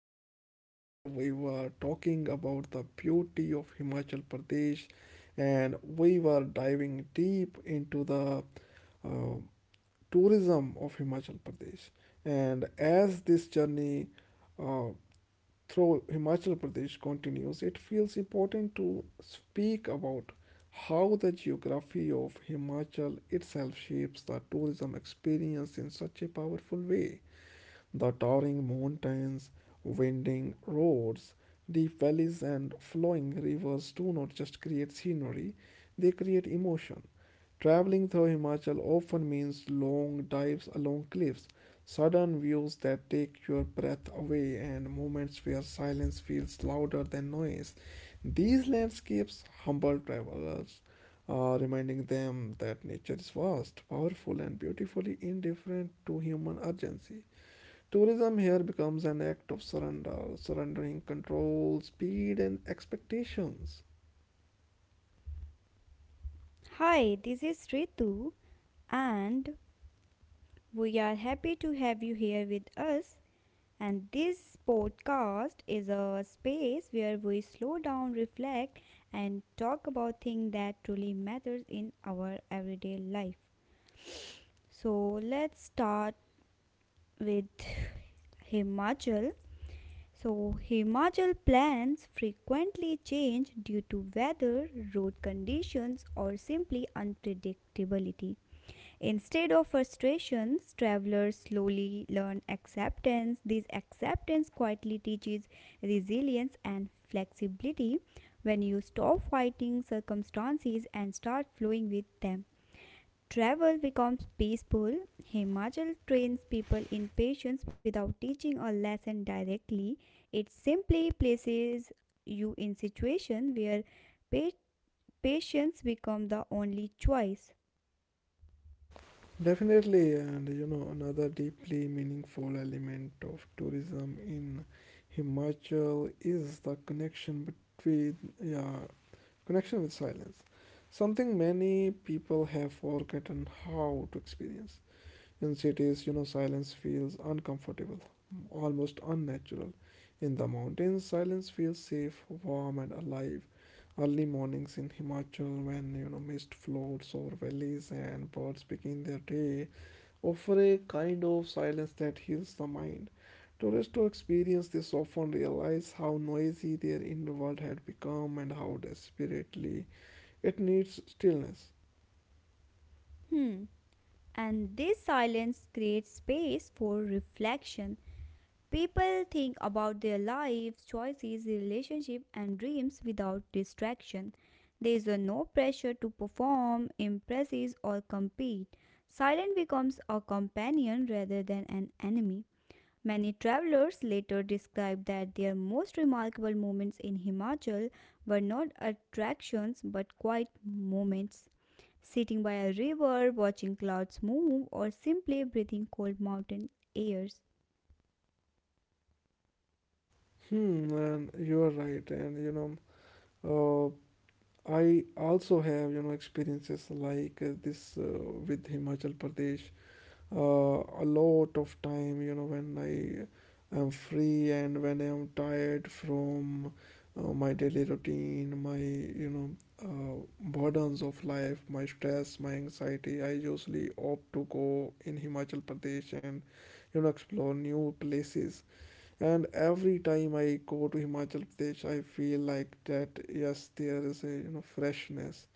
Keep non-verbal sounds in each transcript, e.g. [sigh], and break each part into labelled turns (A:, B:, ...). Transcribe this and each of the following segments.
A: podcast where we were talking about the beauty of Himachal Pradesh and we were diving deep into the uh, tourism of Himachal Pradesh. And as this journey uh, through Himachal Pradesh continues, it feels important to speak about how the geography of Himachal itself shapes the tourism experience in such a powerful way. The towering mountains, winding roads, deep valleys, and flowing rivers do not just create scenery, they create emotion. Traveling through Himachal often means long dives along cliffs, sudden views that take your breath away, and moments where silence feels louder than noise. These landscapes humble travelers, reminding them that nature is vast, powerful, and beautifully indifferent to human urgency. Tourism here becomes an act of surrender, surrendering control, speed, and expectations.
B: Hi, this is Ritu, and we are happy to have you here with us. And this podcast is a space where we slow down, reflect, and talk about things that truly matters in our everyday life. So let's start with Himachal. So, Himachal plans frequently change due to weather, road conditions, or simply unpredictability. Instead of frustrations, travelers slowly learn acceptance. This acceptance quietly teaches resilience and flexibility when you stop fighting circumstances and start flowing with them. Travel becomes peaceful. Himachal trains people in patience without teaching a lesson directly. It simply places you in situation where pa- patience becomes the only choice.
A: Definitely, and you know, another deeply meaningful element of tourism in Himachal is the connection between, yeah, connection with silence. Something many people have forgotten how to experience. In cities, you know, silence feels uncomfortable, almost unnatural. In the mountains, silence feels safe, warm, and alive. Early mornings in Himachal, when you know mist floats over valleys and birds begin their day, offer a kind of silence that heals the mind. Tourists who experience this often realize how noisy their inner world had become and how desperately it needs stillness.
B: Hmm. And this silence creates space for reflection. People think about their lives, choices, relationships, and dreams without distraction. There is a no pressure to perform, impress or compete. Silence becomes a companion rather than an enemy. Many travelers later described that their most remarkable moments in Himachal were not attractions but quiet moments. Sitting by a river, watching clouds move, or simply breathing cold mountain airs.
A: Hmm, and you are right, and you know, uh, I also have you know experiences like this with Himachal Pradesh a lot of time you know when I am free and when I am tired from my daily routine my you know burdens of life my stress my anxiety I usually opt to go in Himachal Pradesh and you know explore new places, and every time I go to Himachal Pradesh, I feel like that yes, there is a you know freshness.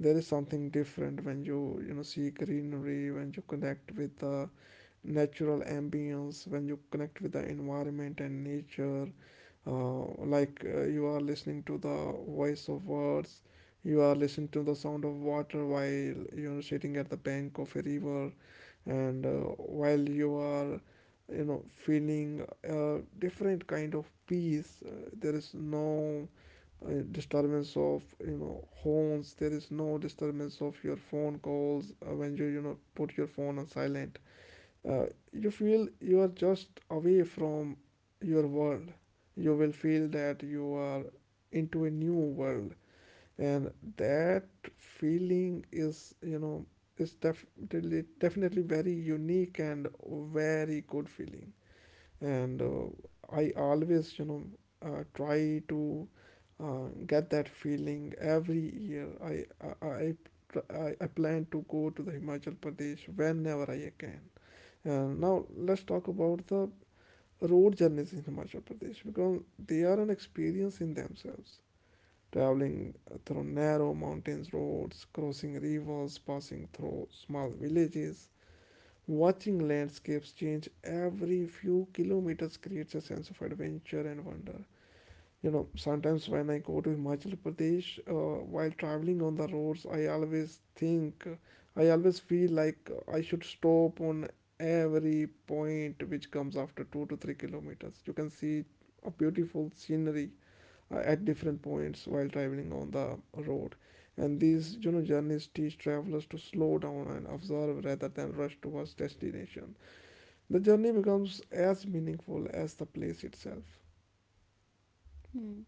A: There is something different when you know see greenery, when you connect with the natural ambience, when you connect with the environment and nature. Like you are listening to the voice of words, you are listening to the sound of water while you are sitting at the bank of a river and while you are you know feeling a different kind of peace, there is no disturbance of you know horns, there is no disturbance of your phone calls when you know put your phone on silent. uh, you feel you are just away from your world, you will feel that you are into a new world, and that feeling is you know is definitely very unique and very good feeling. And uh, i always you know try to get that feeling. Every year I tr- I plan to go to the Himachal Pradesh whenever I can. And now let's talk about the road journeys in Himachal Pradesh because they are an experience in themselves. Traveling through narrow mountains roads, crossing rivers, passing through small villages. Watching landscapes change every few kilometers creates a sense of adventure and wonder. You know, sometimes when I go to Himachal Pradesh, while traveling on the roads, I always feel like I should stop on every point which comes after 2 to 3 kilometers. You can see a beautiful scenery at different points while traveling on the road. And these you know journeys teach travelers to slow down and observe rather than rush towards destination. The journey becomes as meaningful as the place itself.
B: Hmm.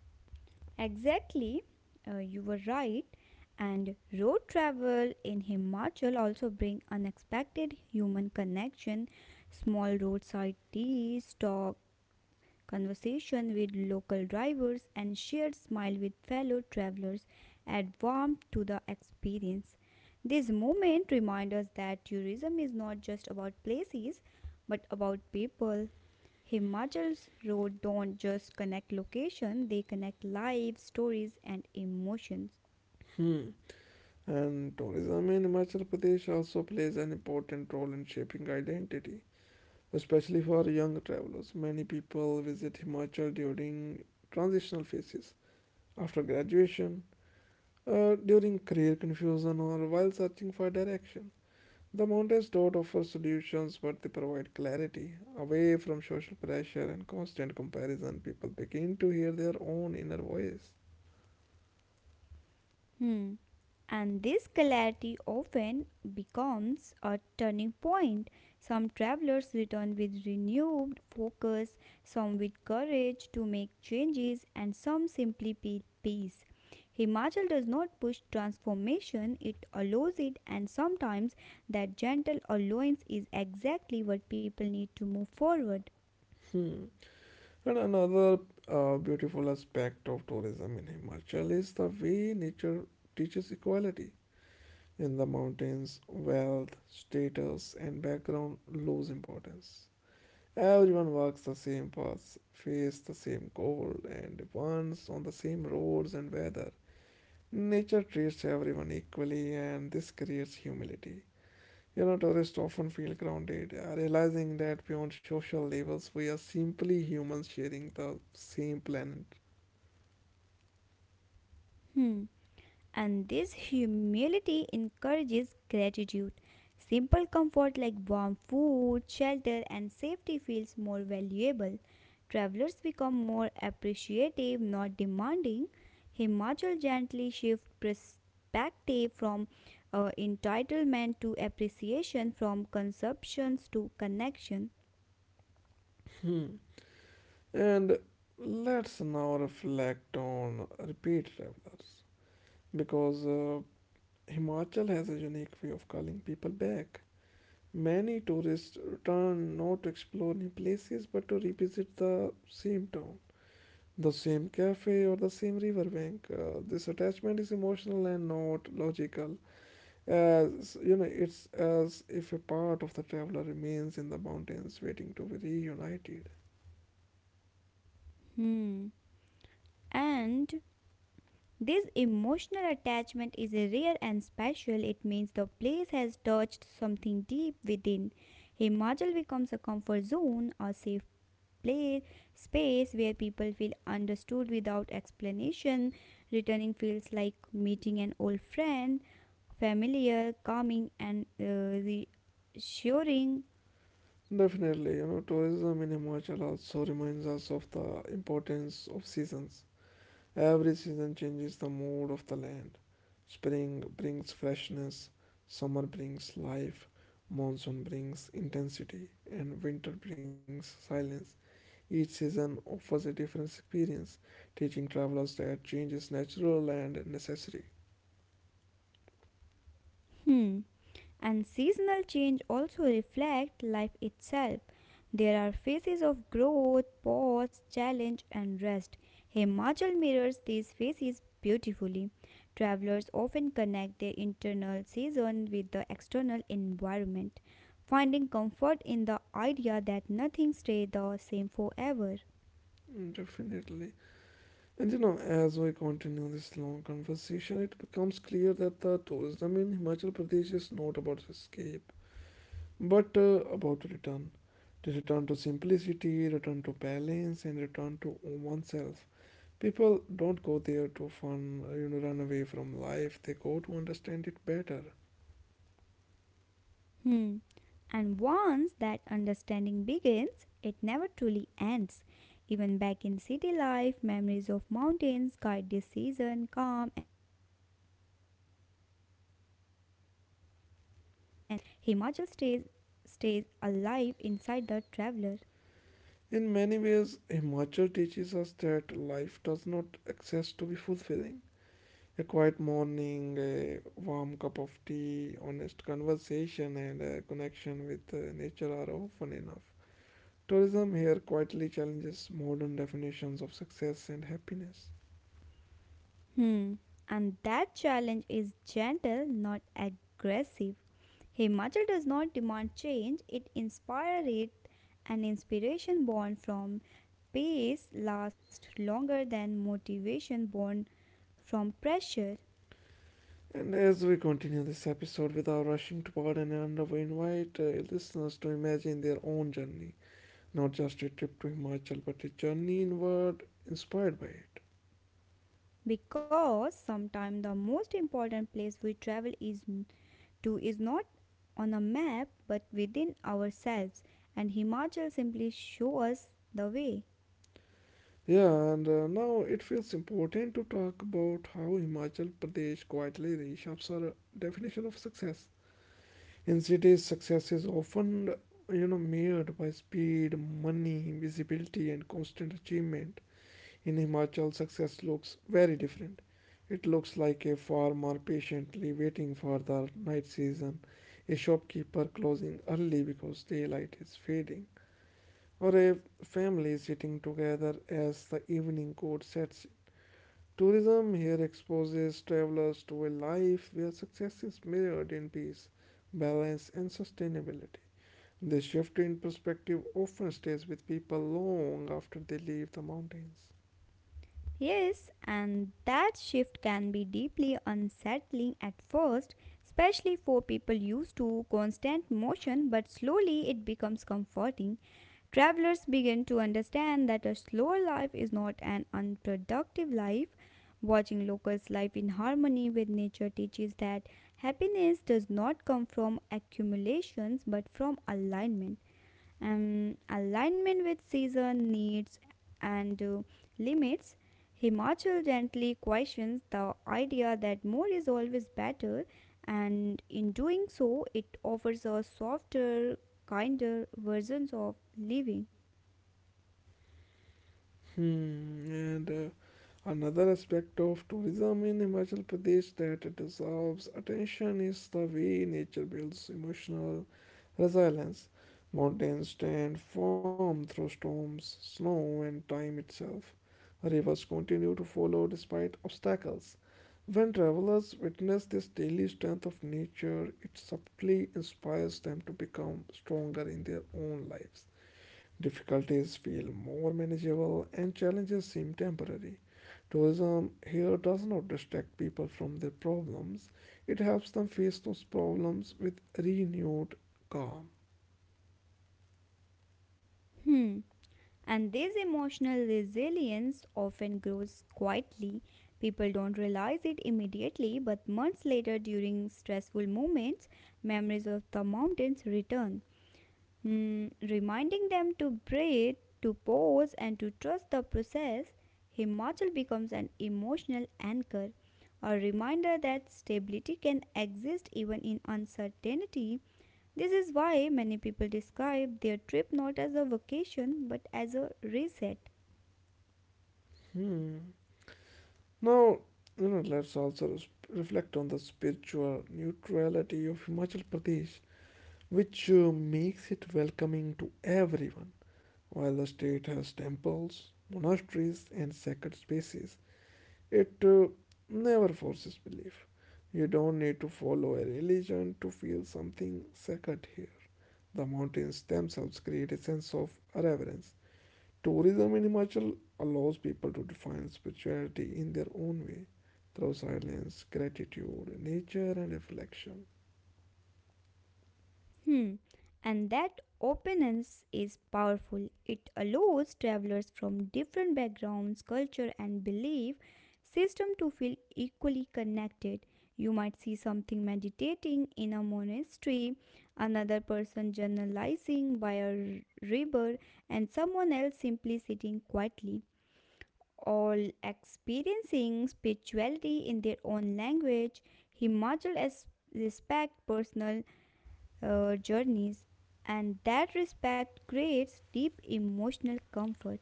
B: Exactly, you were right. And road travel in Himachal also bring unexpected human connection, small roadside teas, talk conversation with local drivers, and shared smile with fellow travelers add warmth to the experience. This moment reminds us that tourism is not just about places but about people. Himachal's roads don't just connect location, they connect lives, stories and emotions.
A: Hmm. And tourism in Himachal Pradesh also plays an important role in shaping identity, especially for young travelers. Many people visit Himachal during transitional phases, after graduation, during career confusion, or while searching for direction. The mountains don't offer solutions, but they provide clarity. Away from social pressure and constant comparison, people begin to hear their own inner voice.
B: Hmm. And this clarity often becomes a turning point. Some travelers return with renewed focus, some with courage to make changes, and some simply with peace. Himachal does not push transformation, it allows it, and sometimes that gentle allowance is exactly what people need to move forward.
A: Hmm. And another beautiful aspect of tourism in Himachal is the way nature teaches equality. In the mountains, wealth, status, and background lose importance. Everyone walks the same paths, face the same cold, and runs on the same roads and weather. Nature treats everyone equally, and this creates humility. You know, tourists often feel grounded, realizing that beyond social labels, we are simply humans sharing the same planet.
B: Hmm. And this humility encourages gratitude. Simple comfort like warm food, shelter, and safety feels more valuable. Travelers become more appreciative, not demanding. Himachal gently shifts perspective from entitlement to appreciation, from consumptions to connection.
A: Hmm. And let's now reflect on repeat travelers, because Himachal has a unique way of calling people back. Many tourists return not to explore new places but to revisit the same town. The same cafe or the same riverbank. This attachment is emotional and not logical. As you know, it's as if a part of the traveler remains in the mountains waiting to be reunited.
B: Hmm. And this emotional attachment is rare and special. It means the place has touched something deep within. Himachal becomes a comfort zone, a safe place, space where people feel understood without explanation. Returning feels like meeting an old friend, familiar, calming, and reassuring.
A: Definitely, you know, tourism in Himachal also reminds us of the importance of seasons. Every season changes the mood of the land. Spring brings freshness, summer brings life, monsoon brings intensity, and winter brings silence. Each season offers a different experience, teaching travelers that change is natural and necessary.
B: Hmm. And seasonal change also reflect life itself. There are phases of growth, pause, challenge, and rest. Himachal mirrors these phases beautifully. Travelers often connect their internal season with the external environment, finding comfort in the idea that nothing stays the same forever.
A: Mm, definitely. And you know, as we continue this long conversation, it becomes clear that the tourism in Himachal Pradesh is not about escape, but about return. To return to simplicity, return to balance, and return to oneself. People don't go there to fun, you know, run away from life. They go to understand it better.
B: Hmm. And once that understanding begins, it never truly ends. Even back in city life, memories of mountains guide this season, calm anxieties, and offer strength during difficult times. Himachal stays alive inside the traveler.
A: In many ways, Himachal teaches us that life does not access to be fulfilling. A quiet morning, a warm cup of tea, honest conversation, and a connection with nature are often enough. Tourism here quietly challenges modern definitions of success and happiness.
B: Hmm. And that challenge is gentle, not aggressive. Himachal does not demand change, it inspires it. An inspiration born from pace lasts longer than motivation born from pressure
A: And as we continue this episode without rushing toward an end, we invite listeners to imagine their own journey, not just a trip to Himachal, but a journey inward inspired by it.
B: because sometimes the most important place we travel is to is not on a map but within ourselves, and Himachal simply shows us the way.
A: Yeah, and now it feels important to talk about how Himachal Pradesh quietly reshapes our definition of success. In cities, success is often, you know, measured by speed, money, visibility, and constant achievement. In Himachal, success looks very different. It looks like a farmer patiently waiting for the night season, a shopkeeper closing early because daylight is fading, or a family sitting together as the evening court sets. Tourism here exposes travelers to a life where success is measured in peace, balance, and sustainability. This shift in perspective often stays with people long after they leave the mountains.
B: Yes, and that shift can be deeply unsettling at first, especially for people used to constant motion, but slowly it becomes comforting. Travelers begin to understand that a slower life is not an unproductive life. Watching locals' life in harmony with nature teaches that happiness does not come from accumulations but from alignment alignment with season needs and limits. Himachal gently questions the idea that more is always better, and in doing so, it offers a softer, kinder versions of living.
A: Hmm, and another aspect of tourism in Himachal Pradesh that deserves attention is the way nature builds emotional resilience. Mountains stand firm through storms, snow, and time itself. Rivers continue to follow despite obstacles. When travelers witness this daily strength of nature, it subtly inspires them to become stronger in their own lives. Difficulties feel more manageable and challenges seem temporary. Tourism here does not distract people from their problems, it helps them face those problems with renewed calm.
B: Hmm. And this emotional resilience often grows quietly. People don't realize it immediately, but months later, during stressful moments, memories of the mountains return. Mm, reminding them to breathe, to pause, and to trust the process. Himachal becomes an emotional anchor, a reminder that stability can exist even in uncertainty. This is why many people describe their trip not as a vacation but as a reset.
A: Hmm. Now, you know, let's also reflect on the spiritual neutrality of Himachal Pradesh, which makes it welcoming to everyone. While the state has temples, monasteries, and sacred spaces, it never forces belief. You don't need to follow a religion to feel something sacred here. The mountains themselves create a sense of reverence. Tourism in Himachal allows people to define spirituality in their own way through silence, gratitude, nature, and reflection.
B: Hmm. And that openness is powerful. It allows travelers from different backgrounds, culture, and belief system to feel equally connected. You might see something meditating in a monastery, another person journalizing by a river, and someone else simply sitting quietly. All experiencing spirituality in their own language, Himachal as respect personal journeys, and that respect creates deep emotional comfort.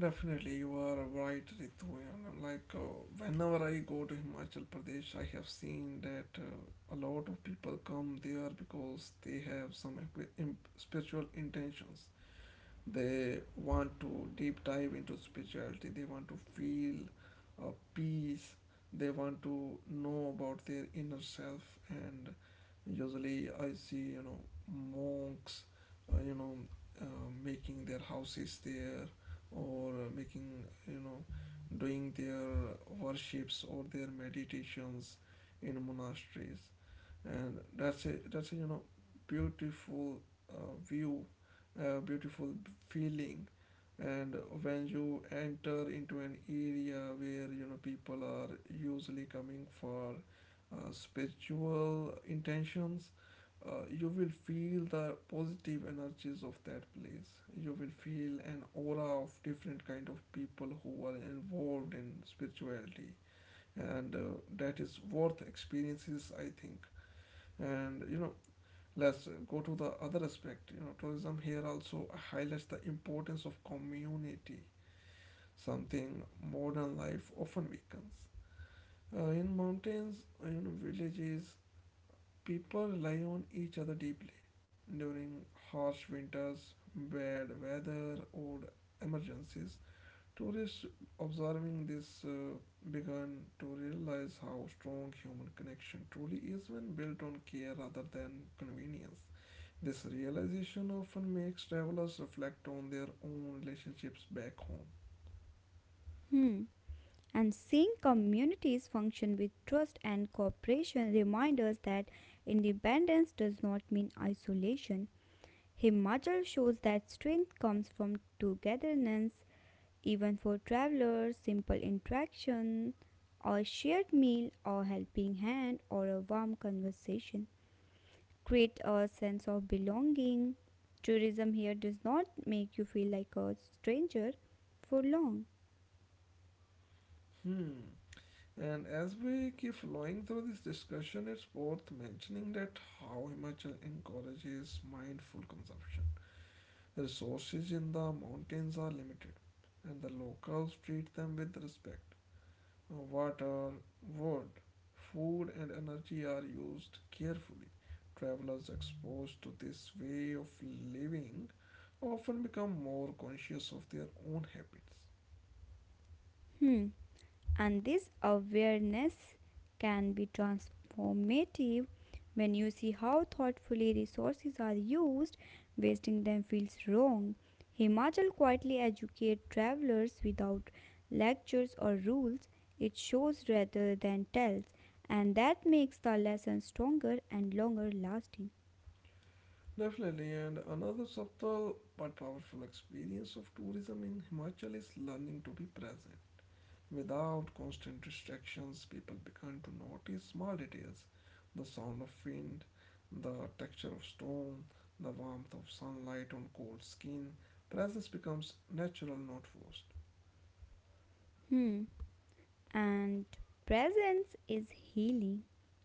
A: Definitely, you are right, Ritu. And whenever I go to Himachal Pradesh, I have seen that a lot of people come there because they have some spiritual intentions. They want to deep dive into spirituality. They want to feel peace. They want to know about their inner self. And usually, I see you know monks, uh, you know, making their houses there, or making you know, doing their worships or their meditations in monasteries, and that's a you know beautiful view, beautiful feeling. And when you enter into an area where you know people are usually coming for spiritual intentions, you will feel the positive energies of that place, you will feel an aura of different kind of people who are involved in spirituality, and that is worth experiences I think. And you know, let's go to the other aspect. You know, tourism here also highlights the importance of community, something modern life often weakens. In mountains, you know, villages, people rely on each other deeply during harsh winters, bad weather, or emergencies. Tourists observing this began to realize how strong human connection truly is when built on care rather than convenience. This realization often makes travelers reflect on their own relationships back home.
B: Hmm. And seeing communities function with trust and cooperation reminds us that independence does not mean isolation. Himachal shows that strength comes from togetherness. Even for travelers, simple interaction, a shared meal, a helping hand, or a warm conversation create a sense of belonging. Tourism here does not make you feel like a stranger for long.
A: Hmm. And as we keep flowing through this discussion, it's worth mentioning that how Himachal encourages mindful consumption. The resources in the mountains are limited, and the locals treat them with respect. Water, wood, food, and energy are used carefully. Travelers exposed to this way of living often become more conscious of their own habits.
B: Hmm. And this awareness can be transformative. When you see how thoughtfully resources are used, wasting them feels wrong. Himachal quietly educates travelers without lectures or rules. It shows rather than tells, and that makes the lesson stronger and longer lasting.
A: Definitely, and another subtle but powerful experience of tourism in Himachal is learning to be present. Without constant distractions, people begin to notice small details, the sound of wind, the texture of stone, the warmth of sunlight on cold skin. Presence becomes natural, not forced.
B: Hmm. And presence is healing.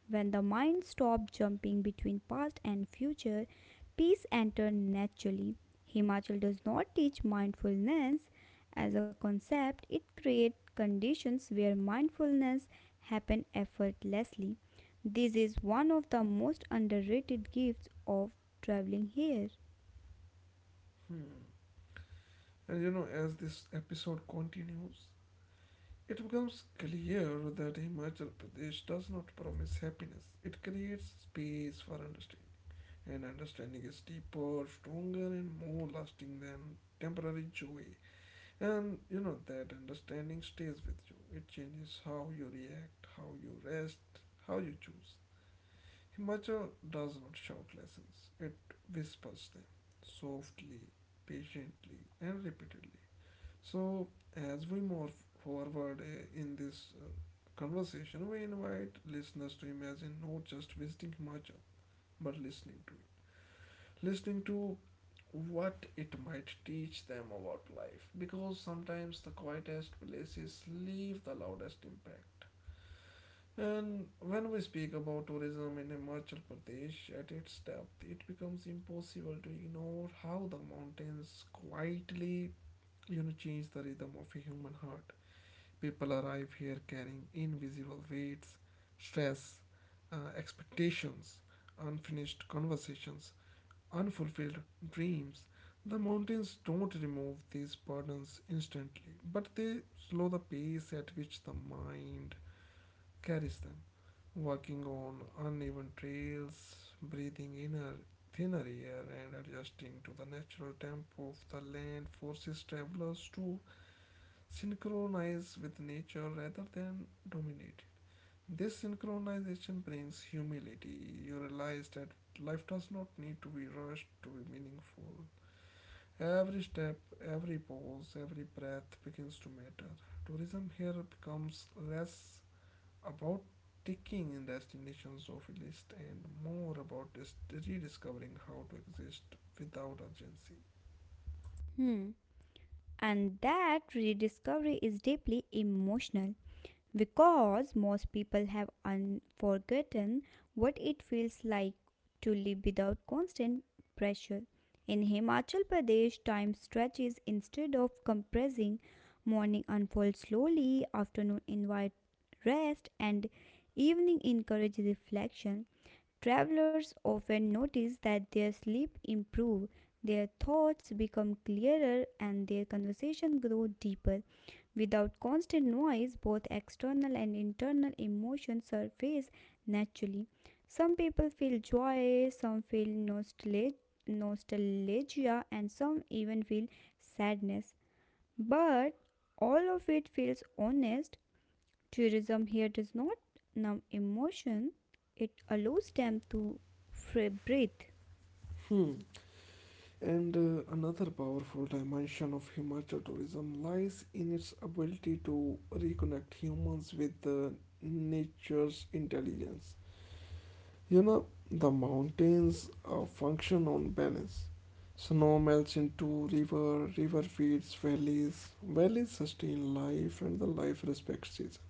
B: When the mind stops jumping between past and future, peace enters naturally. Himachal does not teach mindfulness as a concept, it creates conditions where mindfulness happen effortlessly. This is one of the most underrated gifts of traveling here.
A: Hmm. And you know, as this episode continues, it becomes clear that Himachal Pradesh does not promise happiness, it creates space for understanding. And understanding is deeper, stronger, and more lasting than temporary joy. And you know, that understanding stays with you. It changes how you react, how you rest, how you choose. Himachal does not shout lessons, it whispers them softly, patiently, and repeatedly. So, as we move forward in this conversation, we invite listeners to imagine not just visiting Himachal, but listening to it. Listening to what it might teach them about life, because sometimes the quietest places leave the loudest impact. And when we speak about tourism in Himachal Pradesh at its depth, it becomes impossible to ignore how the mountains quietly, you know, change the rhythm of a human heart. People arrive here carrying invisible weights, stress, expectations, unfinished conversations, unfulfilled dreams. The mountains don't remove these burdens instantly, but they slow the pace at which the mind carries them. Walking on uneven trails, breathing inner thinner air, and adjusting to the natural tempo of the land forces travelers to synchronize with nature rather than dominate it. This synchronization brings humility. You realize that life does not need to be rushed to be meaningful. Every step, every pause, every breath begins to matter. Tourism here becomes less about ticking destinations off a list and more about rediscovering how to exist without urgency.
B: Hmm. And that rediscovery is deeply emotional, because most people have forgotten what it feels like to live without constant pressure. In Himachal Pradesh, time stretches instead of compressing. Morning unfolds slowly, afternoon invites rest, and evening encourages reflection. Travelers often notice that their sleep improves, their thoughts become clearer, and their conversation grow deeper. Without constant noise, both external and internal emotions surface naturally. Some people feel joy, some feel nostalgia, and some even feel sadness. But all of it feels honest. Tourism here does not numb emotion, it allows them to free breathe.
A: Hmm. And another powerful dimension of Himachal tourism lies in its ability to reconnect humans with nature's intelligence. You know, the mountains function on balance. Snow melts into river, river feeds valleys, valleys sustain life, and the life respects season.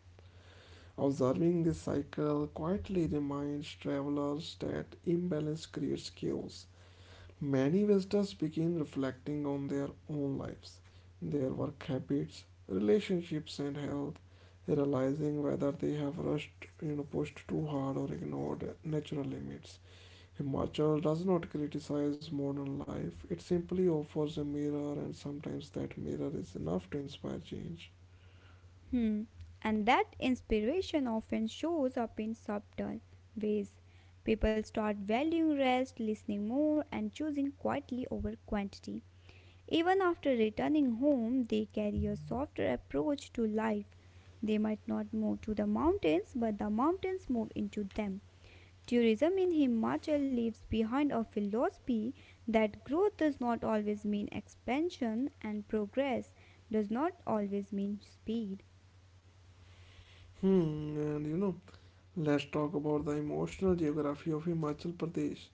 A: Observing this cycle quietly reminds travelers that imbalance creates chaos. Many visitors begin reflecting on their own lives, their work habits, relationships, and health, realizing whether they have rushed, you know, pushed too hard, or ignored natural limits. Himachal does not criticize modern life, it simply offers a mirror, and sometimes that mirror is enough to inspire change.
B: Hmm. And that inspiration often shows up in subtle ways. People start valuing rest, listening more, and choosing quietly over quantity. Even after returning home, they carry a softer approach to life. They might not move to the mountains, but the mountains move into them. Tourism in Himachal leaves behind a philosophy that growth does not always mean expansion and progress does not always mean speed.
A: Hmm, and you know, let's talk about the emotional geography of Himachal Pradesh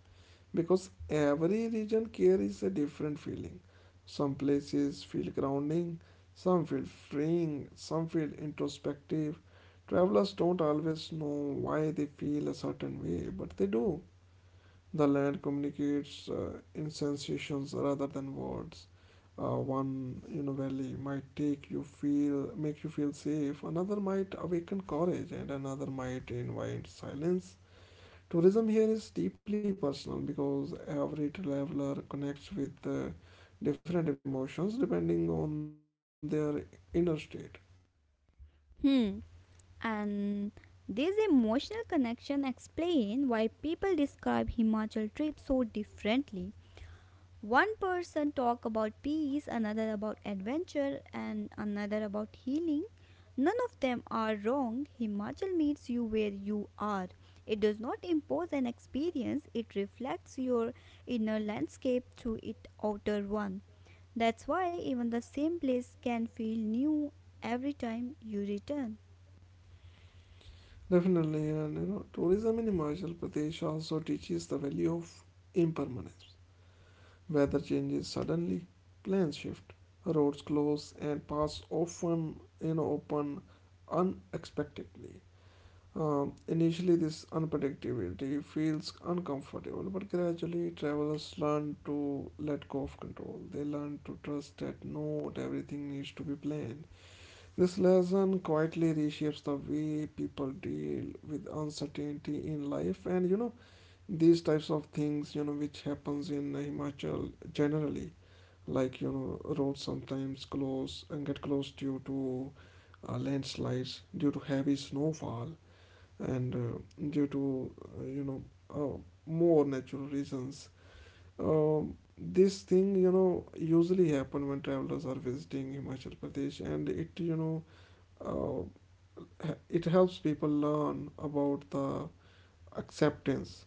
A: because every region carries a different feeling. Some places feel grounding, some feel freeing, some feel introspective. Travelers don't always know why they feel a certain way, but they do. The land communicates in sensations rather than words. One, you know, valley might take you feel make you feel safe. Another might awaken courage, and another might invite silence. Tourism here is deeply personal because every traveler connects with different emotions depending on their inner state.
B: Hmm. And this emotional connection explains why people describe Himachal trip so differently. One person talk about peace, another about adventure, and another about healing. None of them are wrong. Himachal meets you where you are. It does not impose an experience, it reflects your inner landscape through its outer one. That's why even the same place can feel new every time you return.
A: Definitely, and you know, tourism in Himachal Pradesh also teaches the value of impermanence. Weather changes suddenly, plans shift, roads close and pass often, you know, open unexpectedly. Initially, this unpredictability feels uncomfortable, but gradually travelers learn to let go of control. They learn to trust that not everything needs to be planned. This lesson quietly reshapes the way people deal with uncertainty in life, and you know, these types of things, you know, which happens in Himachal generally, like you know, roads sometimes close and get closed due to landslides, due to heavy snowfall, and due to you know, uh, more natural reasons. Um this thing, you know, usually happen when travelers are visiting Himachal Pradesh, and it, you know, uh, it helps people learn about the acceptance.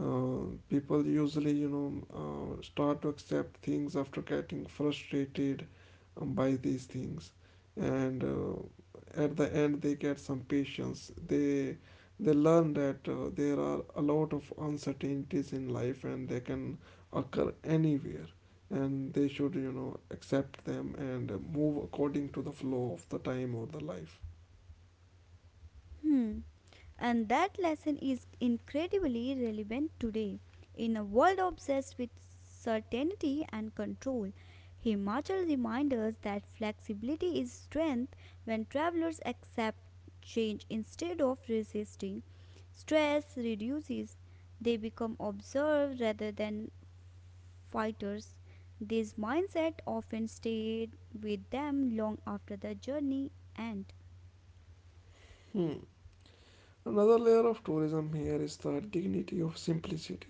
A: People usually, you know, start to accept things after getting frustrated by these things, and at the end they get some patience. They learn that there are a lot of uncertainties in life, and they can occur anywhere, and they should, you know, accept them and, move according to the flow of the time or the life.
B: Hmm. And that lesson is incredibly relevant today. In a world obsessed with certainty and control, Himachal reminds us that flexibility is strength. When travelers accept change instead of resisting, stress reduces, they become observers rather than fighters. This mindset often stayed with them long after the journey ends.
A: Hmm. Another layer of tourism here is the dignity of simplicity.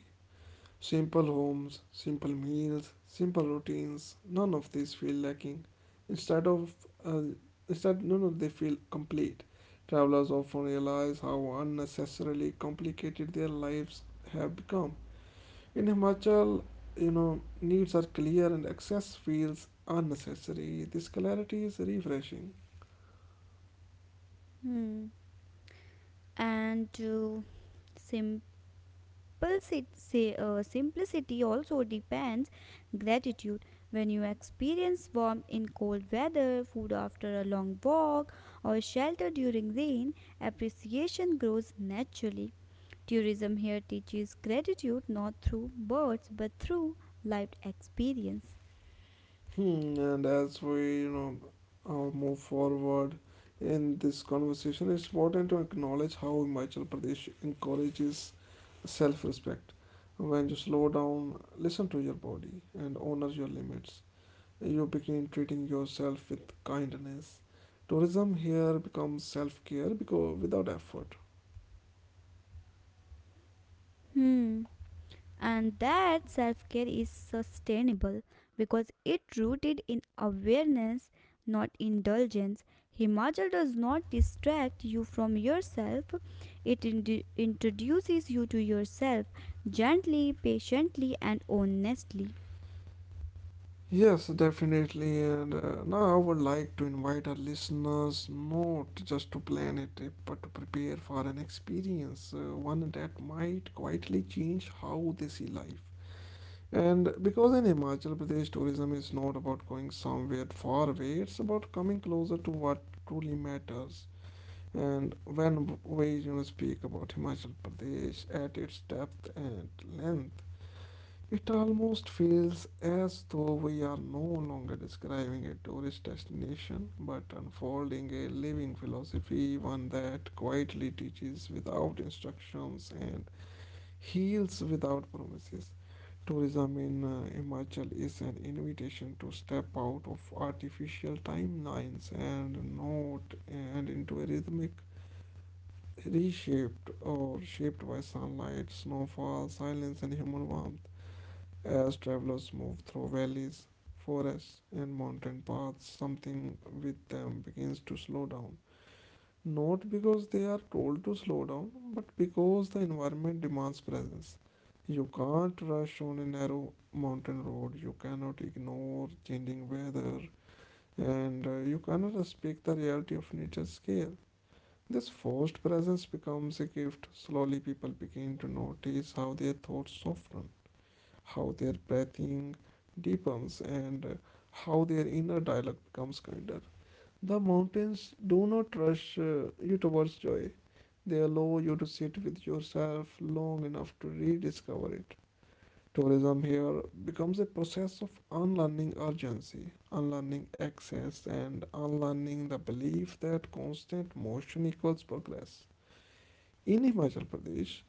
A: Simple homes, simple meals, simple routines, none of these feel lacking. Instead of, uh, Instead, none of they feel complete. Travelers often realize how unnecessarily complicated their lives have become. In Himachal, you know, needs are clear and excess feels unnecessary. This clarity is refreshing.
B: Hmm. And sim- simplicity also depends gratitude. When you experience warmth in cold weather, food after a long walk, or shelter during rain, appreciation grows naturally. Tourism here teaches gratitude not through words but through lived experience.
A: Hmm, and as we, you know, move forward in this conversation, it's important to acknowledge how Himachal Pradesh encourages self respect. When you slow down, listen to your body, and honor your limits, you begin treating yourself with kindness. Tourism here becomes self care because without effort.
B: Hmm. And that self care is sustainable, because it rooted in awareness, not indulgence. Himachal does not distract you from yourself, it introduces you to yourself, gently, patiently, and honestly.
A: Yes, definitely. And now I would like to invite our listeners not just to plan a trip, but to prepare for an experience, one that might quietly change how they see life. And because in Himachal Pradesh, tourism is not about going somewhere far away, it's about coming closer to what truly matters. And when we, you know, speak about Himachal Pradesh at its depth and length, it almost feels as though we are no longer describing a tourist destination but unfolding a living philosophy, one that quietly teaches without instructions and heals without promises. Tourism in Himachal is an invitation to step out of artificial timelines and note and into a rhythmic reshaped or shaped by sunlight, snowfall, silence, and human warmth. As travelers move through valleys, forests, and mountain paths, something with them begins to slow down. Not because they are told to slow down, but because the environment demands presence. You can't rush on a narrow mountain road, you cannot ignore changing weather, and you cannot respect the reality of nature's scale. This forced presence becomes a gift. Slowly, people begin to notice how their thoughts soften, how their breathing deepens, and how their inner dialogue becomes kinder. The mountains do not rush you towards joy, they allow you to sit with yourself long enough to rediscover it. Tourism here becomes a process of unlearning urgency, unlearning access, and unlearning the belief that constant motion equals progress. In Himachal Pradesh,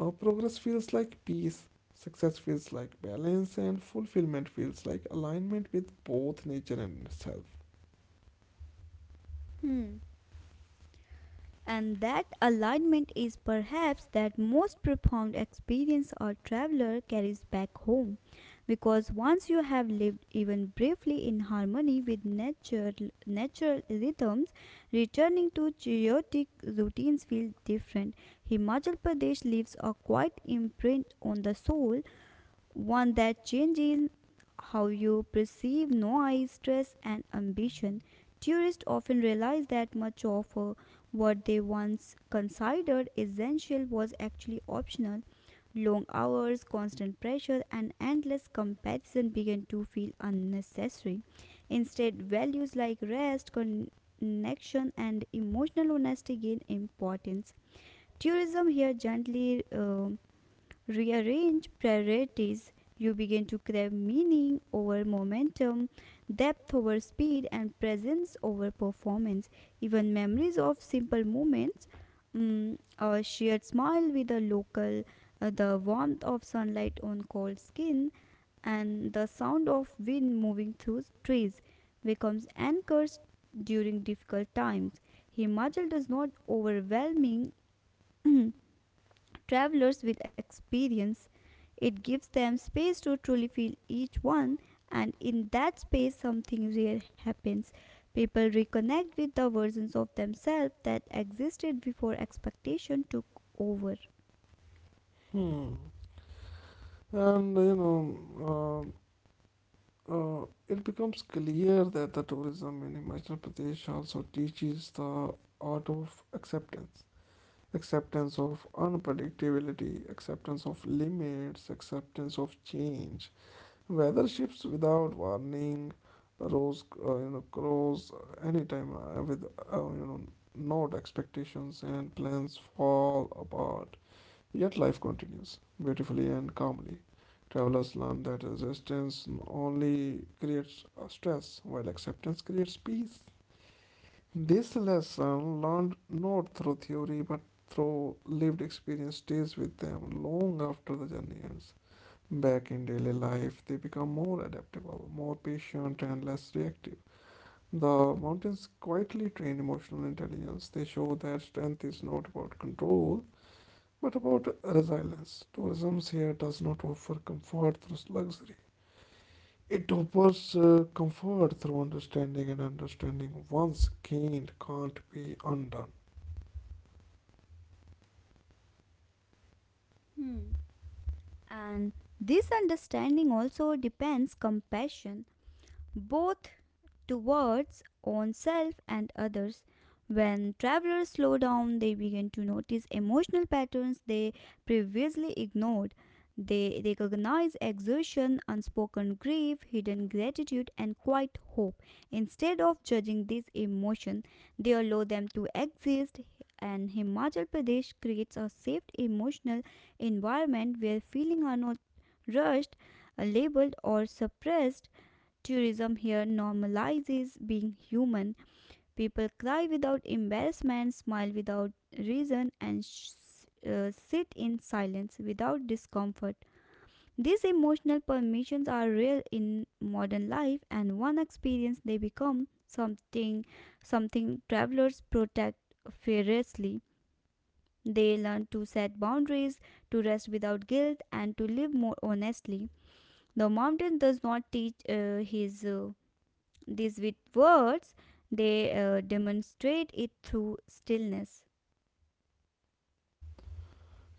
A: progress feels like peace, success feels like balance, and fulfillment feels like alignment with both nature and self.
B: Hmm. And that alignment is perhaps that most profound experience a traveler carries back home. Because once you have lived even briefly in harmony with nature, natural rhythms, returning to chaotic routines feels different. Himachal Pradesh leaves a quiet imprint on the soul, one that changes how you perceive noise, stress, and ambition. Tourists often realize that much of what they once considered essential was actually optional. Long hours, constant pressure, and endless comparison began to feel unnecessary. Instead, values like rest, connection, and emotional honesty gain importance. Tourism here gently rearrange priorities. You begin to crave meaning over momentum, depth over speed, and presence over performance. Even memories of simple moments, mm, a shared smile with a local, the warmth of sunlight on cold skin, and the sound of wind moving through trees becomes anchors during difficult times. Himachal does not overwhelming [clears throat] travelers with experience. It gives them space to truly feel each one, and in that space, something rare happens. People reconnect with the versions of themselves that existed before expectation took over.
A: Hmm. And you know, it becomes clear that the tourism in Himachal Pradesh also teaches the art of acceptance, acceptance of unpredictability, acceptance of limits, acceptance of change. Weather shifts without warning, rose, you know, crows anytime, with you know, no expectations, and plans fall apart. Yet life continues beautifully and calmly. Travelers learn that resistance only creates stress, while acceptance creates peace. This lesson, learned not through theory but through lived experience, stays with them long after the journey ends. Back in daily life, they become more adaptable, more patient, and less reactive. The mountains quietly train emotional intelligence. They show that strength is not about control, but about resilience. Tourism here does not offer comfort through luxury. It offers comfort through understanding, and understanding once gained can't be undone.
B: Hmm. And this understanding also depends compassion. Both towards oneself and others. When travelers slow down, they begin to notice emotional patterns they previously ignored. They recognize exertion, unspoken grief, hidden gratitude, and quiet hope. Instead of judging these emotions, they allow them to exist, and Himachal Pradesh creates a safe emotional environment where feelings are not rushed, labeled, or suppressed. Tourism here normalizes being human. People cry without embarrassment, smile without reason, and sit in silence without discomfort. These emotional permissions are real in modern life, and one experience they become something travelers protect fiercely. They learn to set boundaries, to rest without guilt, and to live more honestly. The mountain does not teach his these with words, they demonstrate it through stillness.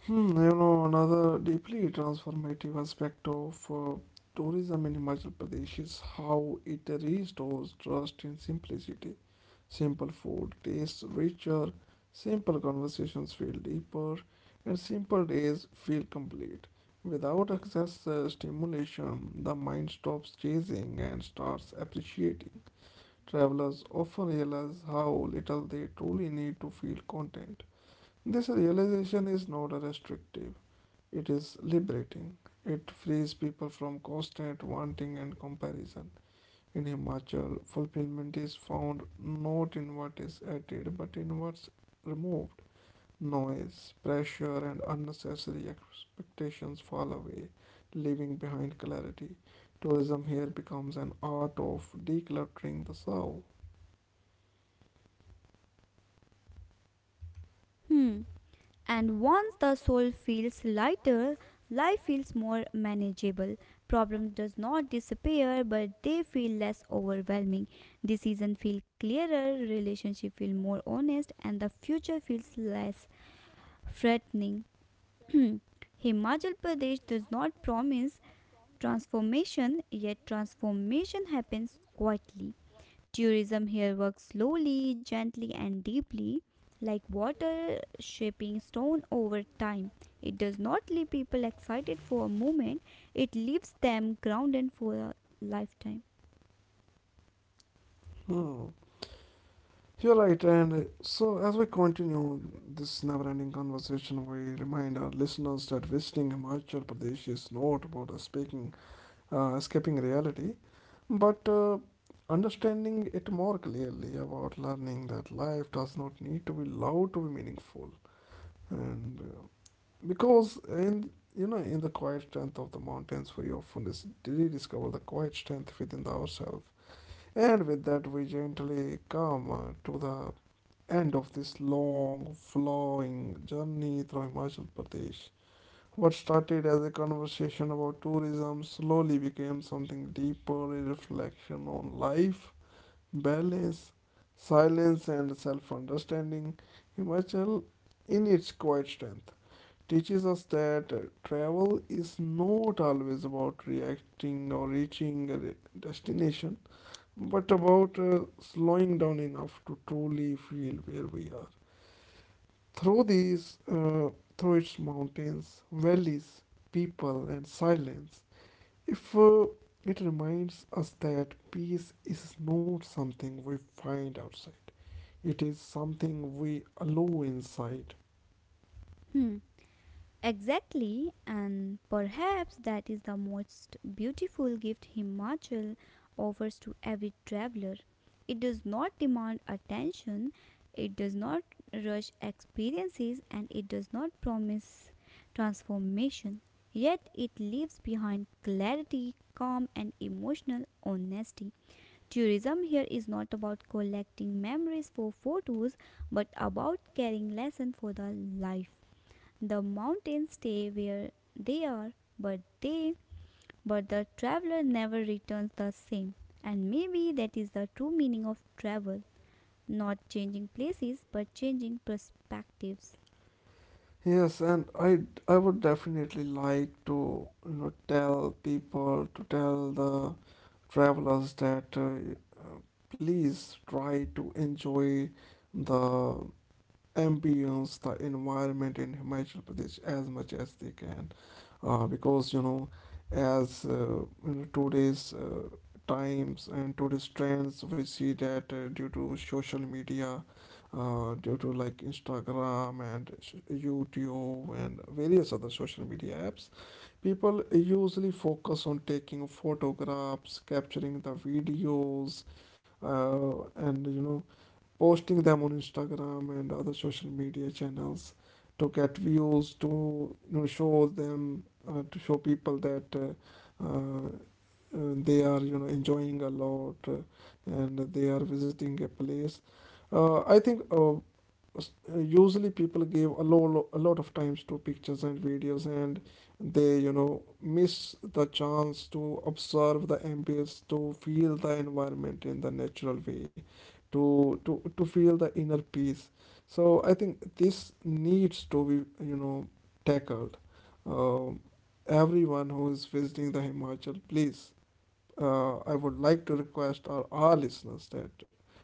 A: Hmm, you know, another deeply transformative aspect of tourism in Himachal Pradesh is how it restores trust in simplicity. Simple food tastes richer, simple conversations feel deeper, and simple days feel complete. Without excess stimulation, the mind stops chasing and starts appreciating. Travelers often realize how little they truly need to feel content. This realization is not restrictive. It is liberating. It frees people from constant wanting and comparison. In Himachal, fulfillment is found not in what is added but in what's removed. Noise, pressure, and unnecessary expectations fall away, leaving behind clarity. Tourism here becomes an art of decluttering the soul.
B: Hmm. And once the soul feels lighter, life feels more manageable. Problem does not disappear, but they feel less overwhelming. Decision feel clearer, relationship feel more honest, and the future feels less threatening. [clears throat] Himachal Pradesh does not promise transformation, yet transformation happens quietly. Tourism here works slowly, gently, and deeply, like water shaping stone over time. It does not leave people excited for a moment, it leaves them grounded for a lifetime.
A: Hmm. You're right, and so as we continue this never ending conversation, we remind our listeners that visiting Himachal Pradesh is not about escaping reality, but understanding it more clearly, about learning that life does not need to be loud to be meaningful. And because, in, you know, in the quiet strength of the mountains, we often rediscover the quiet strength within ourselves. And with that, we gently come to the end of this long, flowing journey through Himachal Pradesh. What started as a conversation about tourism slowly became something deeper, a reflection on life, balance, silence, and self understanding. Himachal, in its quiet strength, teaches us that travel is not always about reacting or reaching a destination, but about slowing down enough to truly feel where we are. Through these, through its mountains, valleys, people, and silence, if it reminds us that peace is not something we find outside, it is something we allow inside.
B: Hmm. Exactly, and perhaps that is the most beautiful gift Himachal offers to every traveler. It does not demand attention, it does not rush experiences, and it does not promise transformation. Yet it leaves behind clarity, calm, and emotional honesty. Tourism here is not about collecting memories for photos, but about carrying lessons for the life. The mountains stay where they are, but the traveler never returns the same. And maybe that is the true meaning of travel, not changing places but changing perspectives.
A: Yes, and I would definitely like to, you know, tell people to tell the travelers that uh, please try to enjoy the ambience, the environment in Himachal Pradesh as much as they can, because you know, as you know, today's times and today's trends, we see that due to social media, due to like Instagram and YouTube and various other social media apps, people usually focus on taking photographs, capturing the videos, and you know, posting them on Instagram and other social media channels to get views, to, you know, show them, to show people that uh, uh, they are, you know, enjoying a lot, and they are visiting a place. I think usually people give a lot of times to pictures and videos, and they, you know, miss the chance to observe the ambience, to feel the environment in the natural way, to to feel the inner peace. So I think this needs to be, you know, tackled. um, Everyone who is visiting the Himachal, please, I would like to request our listeners that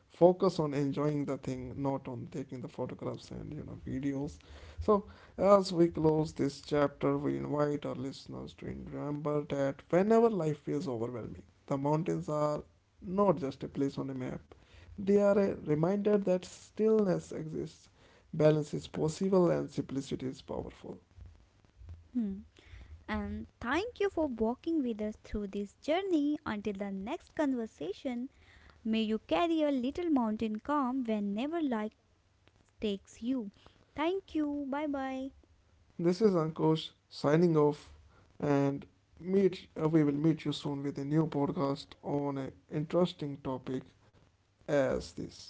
A: focus on enjoying the thing, not on taking the photographs and, you know, videos. So as we close this chapter, we invite our listeners to remember that whenever life feels overwhelming, the mountains are not just a place on a map; they are a reminder that stillness exists, balance is possible, and simplicity is powerful.
B: Hmm. And thank you for walking with us through this journey. Until the next conversation, may you carry a little mountain calm whenever life takes you. Thank you. Bye bye.
A: This is Ankush signing off, and meet we will meet you soon with a new podcast on an interesting topic as this.